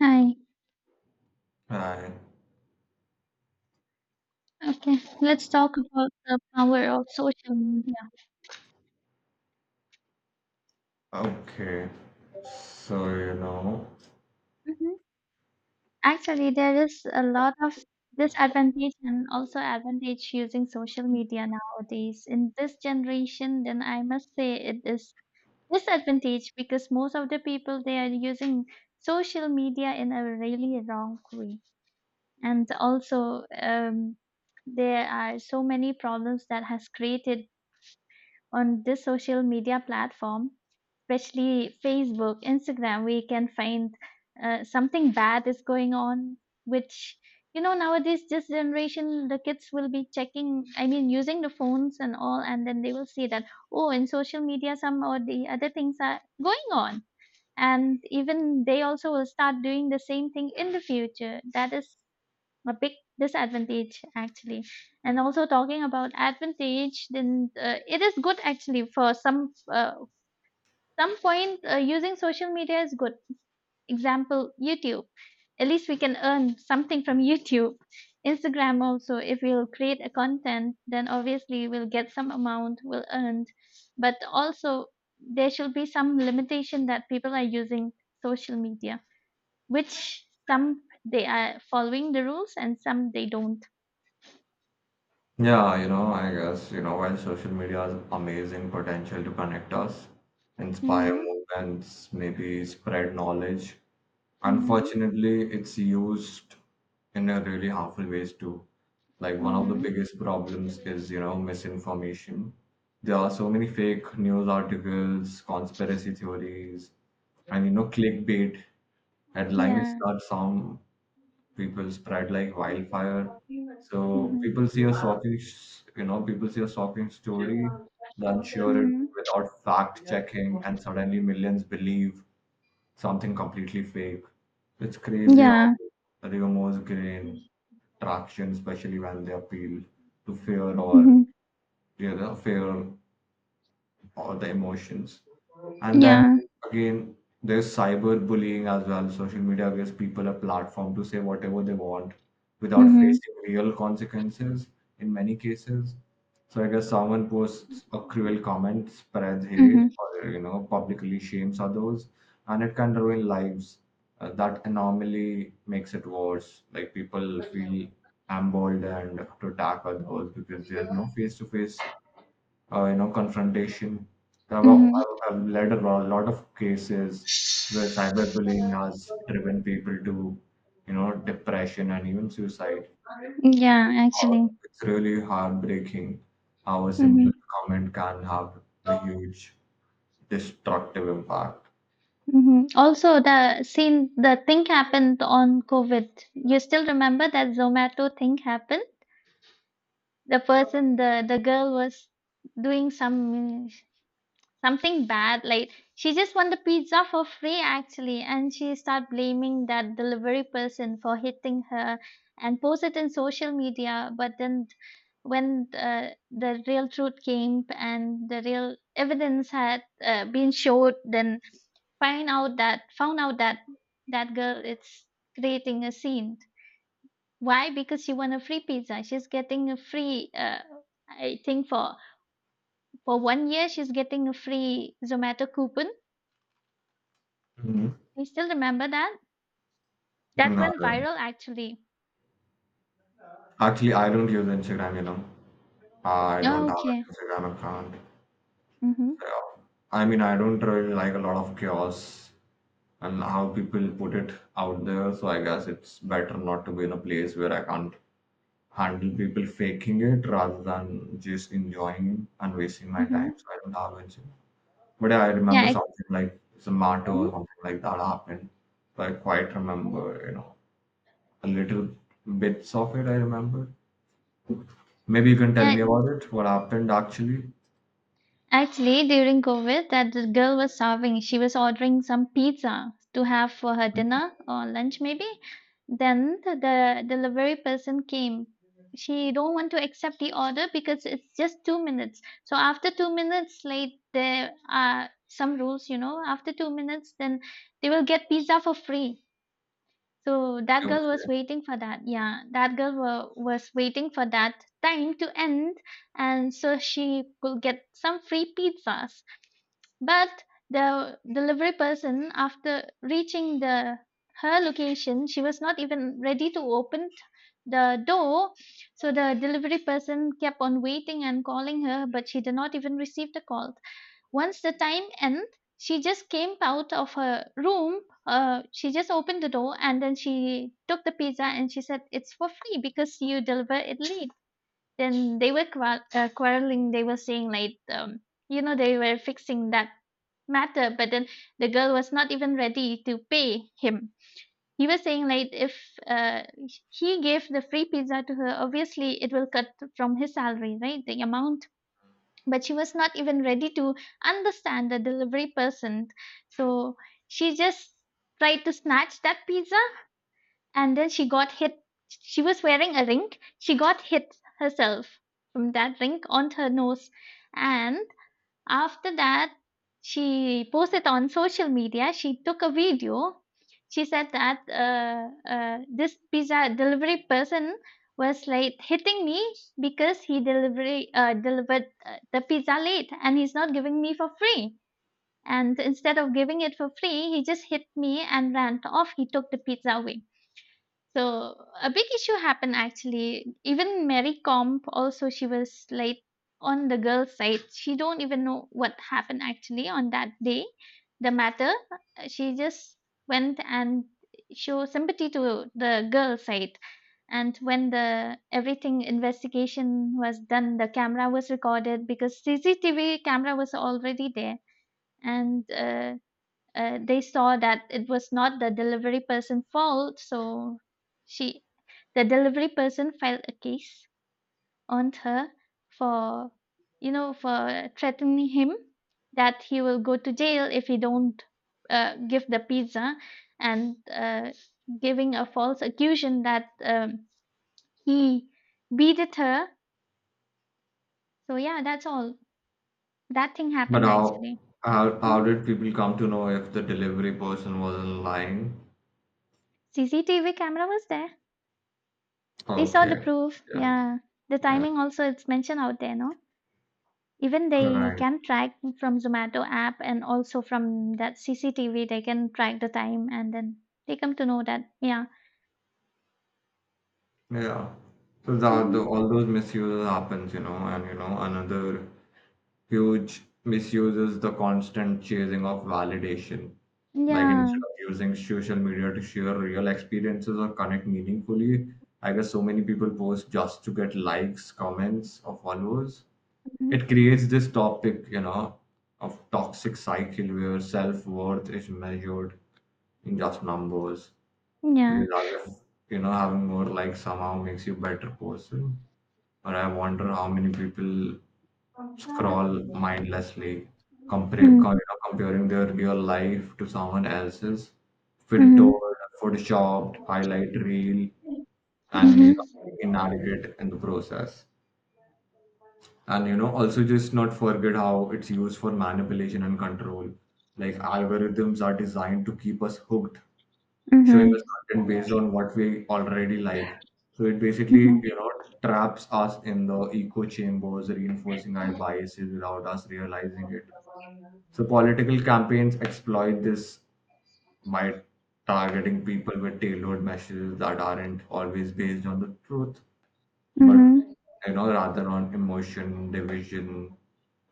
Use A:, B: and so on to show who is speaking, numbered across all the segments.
A: Hi.
B: Right.
A: Okay, let's talk about the power of social media.
B: Okay. So, you know,
A: hmm Actually, there is a lot of disadvantage and also advantage using social media nowadays. In this generation, then I must say it is disadvantage because most of the people they are using social media in a really wrong way, and also there are so many problems that has created on this social media platform, especially Facebook, Instagram, we can find something bad is going on, which you know nowadays this generation the kids will be checking I mean using the phones and all and then they will see that oh in social media some or the other things are going on and even they also will start doing the same thing in the future. That is a big disadvantage actually. And also talking about advantage, then it is good actually for some point, using social media is good. Example, YouTube, at least we can earn something from YouTube. Instagram also, if we'll create a content, then obviously we'll get some amount, we'll earn. But also there should be some limitation that people are using social media, which some they are following the rules and some they don't.
B: I guess, while social media has amazing potential to connect us, inspire
A: Mm-hmm.
B: movements, maybe spread knowledge,
A: Mm-hmm.
B: unfortunately, it's used in a really harmful ways too. Like one of the
A: Mm-hmm.
B: biggest problems is, misinformation. There are so many fake news articles, conspiracy theories, and clickbait headlines
A: Yeah.
B: that sound people spread like wildfire.
A: Mm-hmm.
B: So
A: Mm-hmm.
B: people see a shocking, people see a shocking story, then share it without fact checking, and suddenly millions believe something completely fake. It's crazy how
A: Yeah.
B: rumors gain traction, especially when they appeal to fear or
A: Mm-hmm.
B: fear or the emotions. And then
A: Yeah.
B: again, there's cyberbullying as well. Social media gives people a platform to say whatever they want without
A: Mm-hmm.
B: facing real consequences in many cases. So I guess someone posts a cruel comment, spreads hate,
A: Mm-hmm.
B: or publicly shames others, and it can ruin lives. That anomaly makes it worse. Like people feel emboldened to attack others because there's no face-to-face confrontation.
A: Mm-hmm.
B: I have led a lot of cases where cyberbullying has driven people to, depression and even suicide.
A: Yeah, actually.
B: It's really heartbreaking how a simple
A: Mm-hmm.
B: comment can have a huge destructive impact.
A: Mm-hmm. Also, the scene, the thing happened on COVID. You still remember that Zomato thing happened? The person, the girl was doing some something bad, like she just won the pizza for free actually, and she start blaming that delivery person for hitting her and post it in social media. But then when the real truth came and the real evidence had been showed, then find out that found out that that girl is creating a scene. Why? Because she won a free pizza, she's getting a free, I think for 1 year she's getting a free Zomato coupon.
B: Mhm.
A: I still remember that. That
B: And,
A: went viral actually.
B: actually, I don't use Instagram, I don't
A: Oh,
B: have an
A: okay.
B: Instagram account.
A: Mm-hmm.
B: So, I mean, I don't really like a lot of chaos and how people put it out there. So I guess it's better not to be in a place where I can't handle people faking it rather than just enjoying and wasting my time.
A: Mm-hmm.
B: So I don't have it. But yeah, I remember
A: Yeah, it,
B: something like Zomato
A: Mhm.
B: or something like that happened. So I quite remember, a little bits of it I remember. Maybe you can tell
A: yeah.
B: me
A: it-
B: about it, what happened actually.
A: Actually, during COVID, that the girl was starving. She was ordering some pizza to have for her dinner or lunch, maybe. Then the delivery person came. She don't want to accept the order because it's just 2 minutes. So after 2 minutes, like there are some rules, you know. After 2 minutes, then they will get pizza for free. So that girl was
B: Okay.
A: waiting for that. Yeah, that was waiting for that time to end, and so she could get some free pizzas. But the delivery person, after reaching the her location, she was not even ready to open the door. So the delivery person kept on waiting and calling her, but she did not even receive the call. Once the time end, she just came out of her room. She just opened the door and then she took the pizza and she said, "It's for free because you deliver it late." Then they were quarreling. They were saying, like, you know, they were fixing that matter, but then the girl was not even ready to pay him. He was saying, like, if uh, he gave the free pizza to her, obviously it will cut from his salary, right? The amount, but she was not even ready to understand the delivery person. So she just tried to snatch that pizza and then she got hit. She was wearing a ring. She got hit herself from that ring on her nose. And after that, she posted on social media. She took a video. She said that this pizza delivery person was late hitting me because he delivery delivered the pizza late and he's not giving me for free. And instead of giving it for free, he just hit me and ran off. He took the pizza away. So a big issue happened actually. Even Mary Comp also, she was late on the girl's side. She don't even know what happened actually on that day. The matter she just went and show sympathy to the girl side. And when the everything investigation was done, the camera was recorded because CCTV camera was already there. And they saw that it was not the delivery person fault. So she the delivery person filed a case on her for you know for threatening him, that he will go to jail if he don't give the pizza, and giving a false accusation that he beated her. So yeah, that's all that thing
B: But
A: happened actually.
B: how
A: Mhm.
B: did people come to know if the delivery person wasn't lying?
A: CCTV camera was there. They saw the
B: Okay.
A: proof.
B: Yeah.
A: Yeah. The
B: Yeah.
A: timing also it's mentioned out there, no? Even they
B: Right.
A: can track from Zomato app and also from that CCTV they can track the time and then they come to know that. Yeah.
B: Yeah. So that the,
A: hmm
B: all those misuses happens, and another huge misuse is the constant chasing of validation. Like
A: Yeah.
B: instead of using social media to share real experiences or connect meaningfully, I guess so many people post just to get likes, comments, or followers. It
A: hmm
B: creates this topic, of toxic cycle where self-worth is measured in just numbers. Because
A: Yeah.
B: other, having more like somehow makes you better person. But I wonder how many people scroll mindlessly, compare,
A: Mm-hmm.
B: comparing their real life to someone else's,
A: Mm-hmm.
B: filtered, photoshopped, highlight reel, and inadequate in the process. And also just not forget how it's used for manipulation and control. Like algorithms are designed to keep us hooked showing us
A: Mm-hmm.
B: content based on what we already like. So it basically,
A: Mm-hmm.
B: traps us in the echo chambers, reinforcing our biases without us realizing it. So political campaigns exploit this by targeting people with tailored messages that aren't always based on the truth, but
A: Mm-hmm.
B: rather on emotion, division,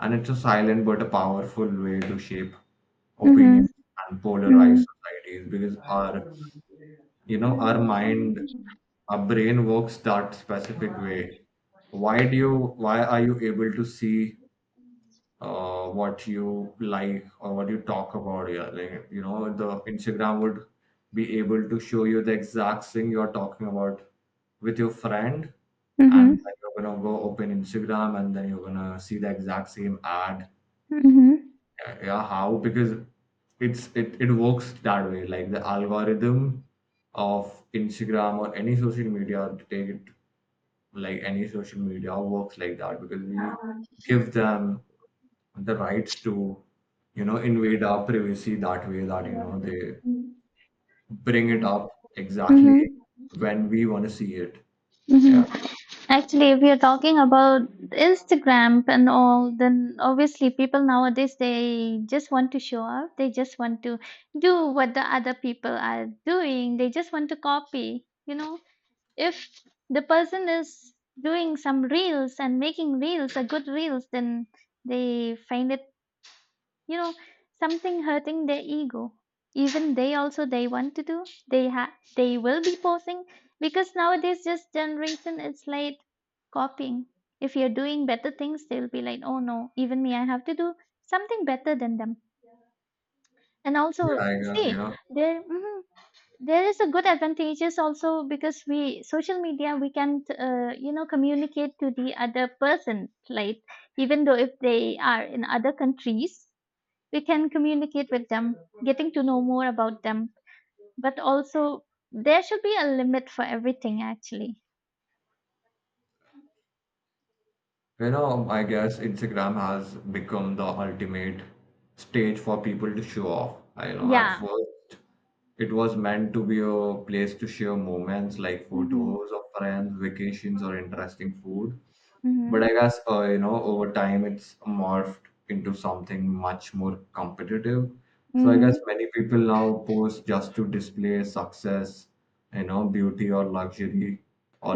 B: and it's a silent but a powerful way to shape
A: Mm-hmm. Mm-hmm.
B: opinions and polarize
A: Mm-hmm.
B: societies because our our mind our brain works that specific way. why do you why are you able to see what you like or what you talk about? Yeah, like the Instagram would be able to show you the exact thing you're talking about with your friend, and then
A: Mm-hmm.
B: you're gonna go open Instagram and then you're gonna see the exact same ad.
A: Mm-hmm.
B: Yeah, yeah, how? Because it works that way. Like the algorithm of Instagram or any social media, to take it, like any social media works like that because we give them the rights to, invade our privacy that way, that they bring it up exactly
A: Mm-hmm.
B: when we want to see it.
A: Mm-hmm.
B: Yeah.
A: Actually, if we are talking about Instagram and all, then obviously people nowadays they just want to show off. They just want to do what the other people are doing. They just want to copy. You know, if the person is doing some reels and making reels, a good reels, then they find it you know something hurting their ego. Even they also they want to do, they have, they will be posing, because nowadays this generation is like copying. If you're doing better things, they'll be like, oh no, even me, I have to do something better than them. And also
B: yeah i guess you
A: see
B: know
A: there there is a good advantages also, because we social media we can you know communicate to the other person, like even though if they are in other countries, we can communicate with them, getting to know more about them. But also, there should be a limit for everything, actually.
B: I guess Instagram has become the ultimate stage for people to show off. I you know At
A: Yeah.
B: first it was meant to be a place to share moments, like
A: Mm-hmm.
B: photos of friends, vacations, or interesting food. But I
A: Mm-hmm.
B: guess over time it's morphed into something much more competitive. So I guess
A: Mm-hmm.
B: many people now post just to display success, beauty or luxury,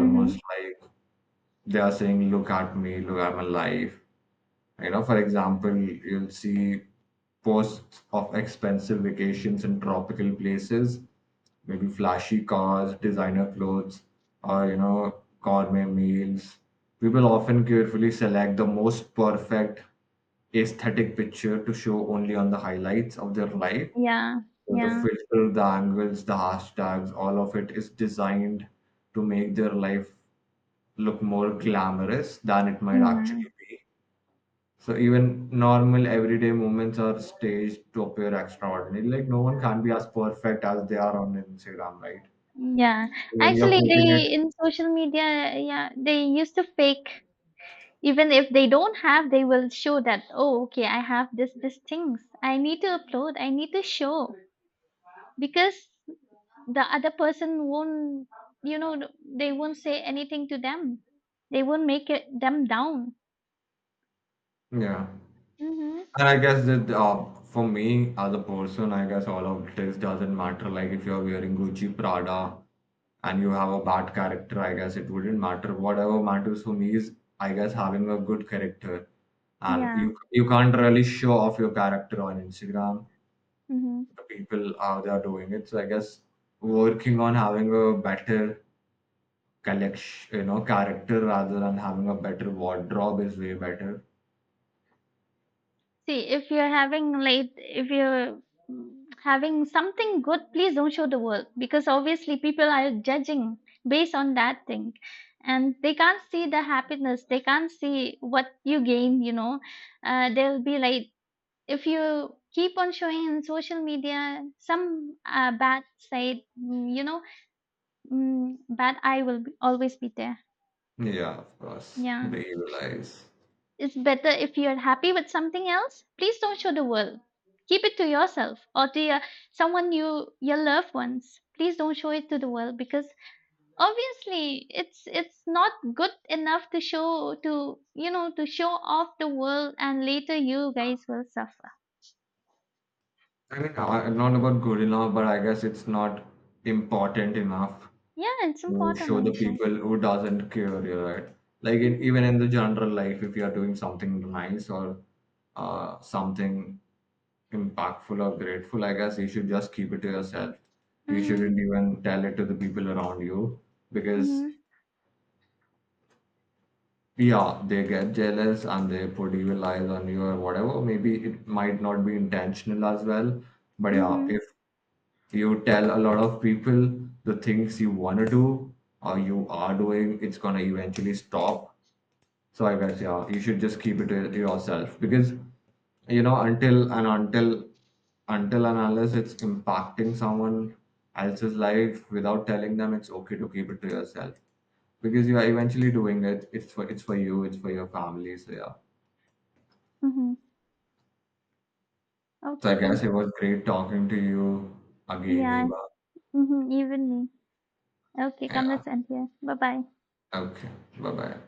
A: Mm-hmm.
B: like they are saying, "Look at me, look at my life." You know, for example, you'll see posts of expensive vacations in tropical places, maybe flashy cars, designer clothes, or gourmet meals. People often carefully select the most perfect aesthetic picture to show only on the highlights of their life.
A: Yeah.
B: So the
A: Yeah.
B: filter, the angles, the hashtags, all of it is designed to make their life look more glamorous than it might
A: Mm-hmm.
B: actually be. So even normal everyday moments are staged to appear extraordinary. Like no one can be as perfect as they are on Instagram, right?
A: Yeah.
B: When you're
A: Actually,
B: putting it,
A: they in social media, yeah, they used to fake. Even if they don't have, they will show that, oh, okay, I have this, this things. I need to upload. I need to show because the other person won't you know they won't say anything to them, they won't make it, them down.
B: yeah.
A: Mm-hmm.
B: And I guess that for me as a person, I guess all of this doesn't matter. Like if you're wearing Gucci Prada and you have a bad character, I guess it wouldn't matter. Whatever matters for me is, I guess, having a good character. And
A: Yeah.
B: you can't really show off your character on Instagram,
A: hmm
B: the people, how they are doing it. So I guess working on having a better collection, character rather than having a better wardrobe is way better.
A: See, if you're having late if you're mm, having something good, please don't show the world, because obviously people are judging based on that thing, and they can't see the happiness, they can't see what you gain, you know. They'll be like, if you keep on showing in social media some bad side, you know, but I will be, always be there.
B: Yeah, of course, the
A: Yeah.
B: evil eyes.
A: It's better if you're happy with something else. Please don't show the world. Keep it to yourself or to your, someone you your loved ones. Please don't show it to the world because obviously it's not good enough to show to you know to show off the world, and later you guys will suffer.
B: I mean, I, not about good enough, but I guess it's not important enough
A: Yeah, it's
B: to
A: important
B: show the
A: also.
B: people who doesn't care. You're right. Like in,
A: Mhm.
B: even in the general life, if you are doing something nice or something impactful or grateful, I guess you should just keep it to yourself. You
A: Mhm.
B: shouldn't even tell it to the people around you because,
A: Mhm.
B: yeah, they get jealous and they put evil eyes on you or whatever. Maybe it might not be intentional as well. But yeah, if
A: Mhm.
B: you tell a lot of people the things you want to do or you are doing, it's going to eventually stop. So I guess yeah, you should just keep it to yourself because you know until and until until and unless it's impacting someone else's life without telling them, it's okay to keep it to yourself because you are eventually doing it. It's for you. It's for your family. So yeah.
A: Mhm.
B: So I
A: Okay
B: guess
A: then.
B: it was great talking to you again,
A: Yeah.
B: Eva.
A: Mhm. Even me. Okay, come,
B: Yeah.
A: let's end here. Bye bye.
B: Okay. Bye bye.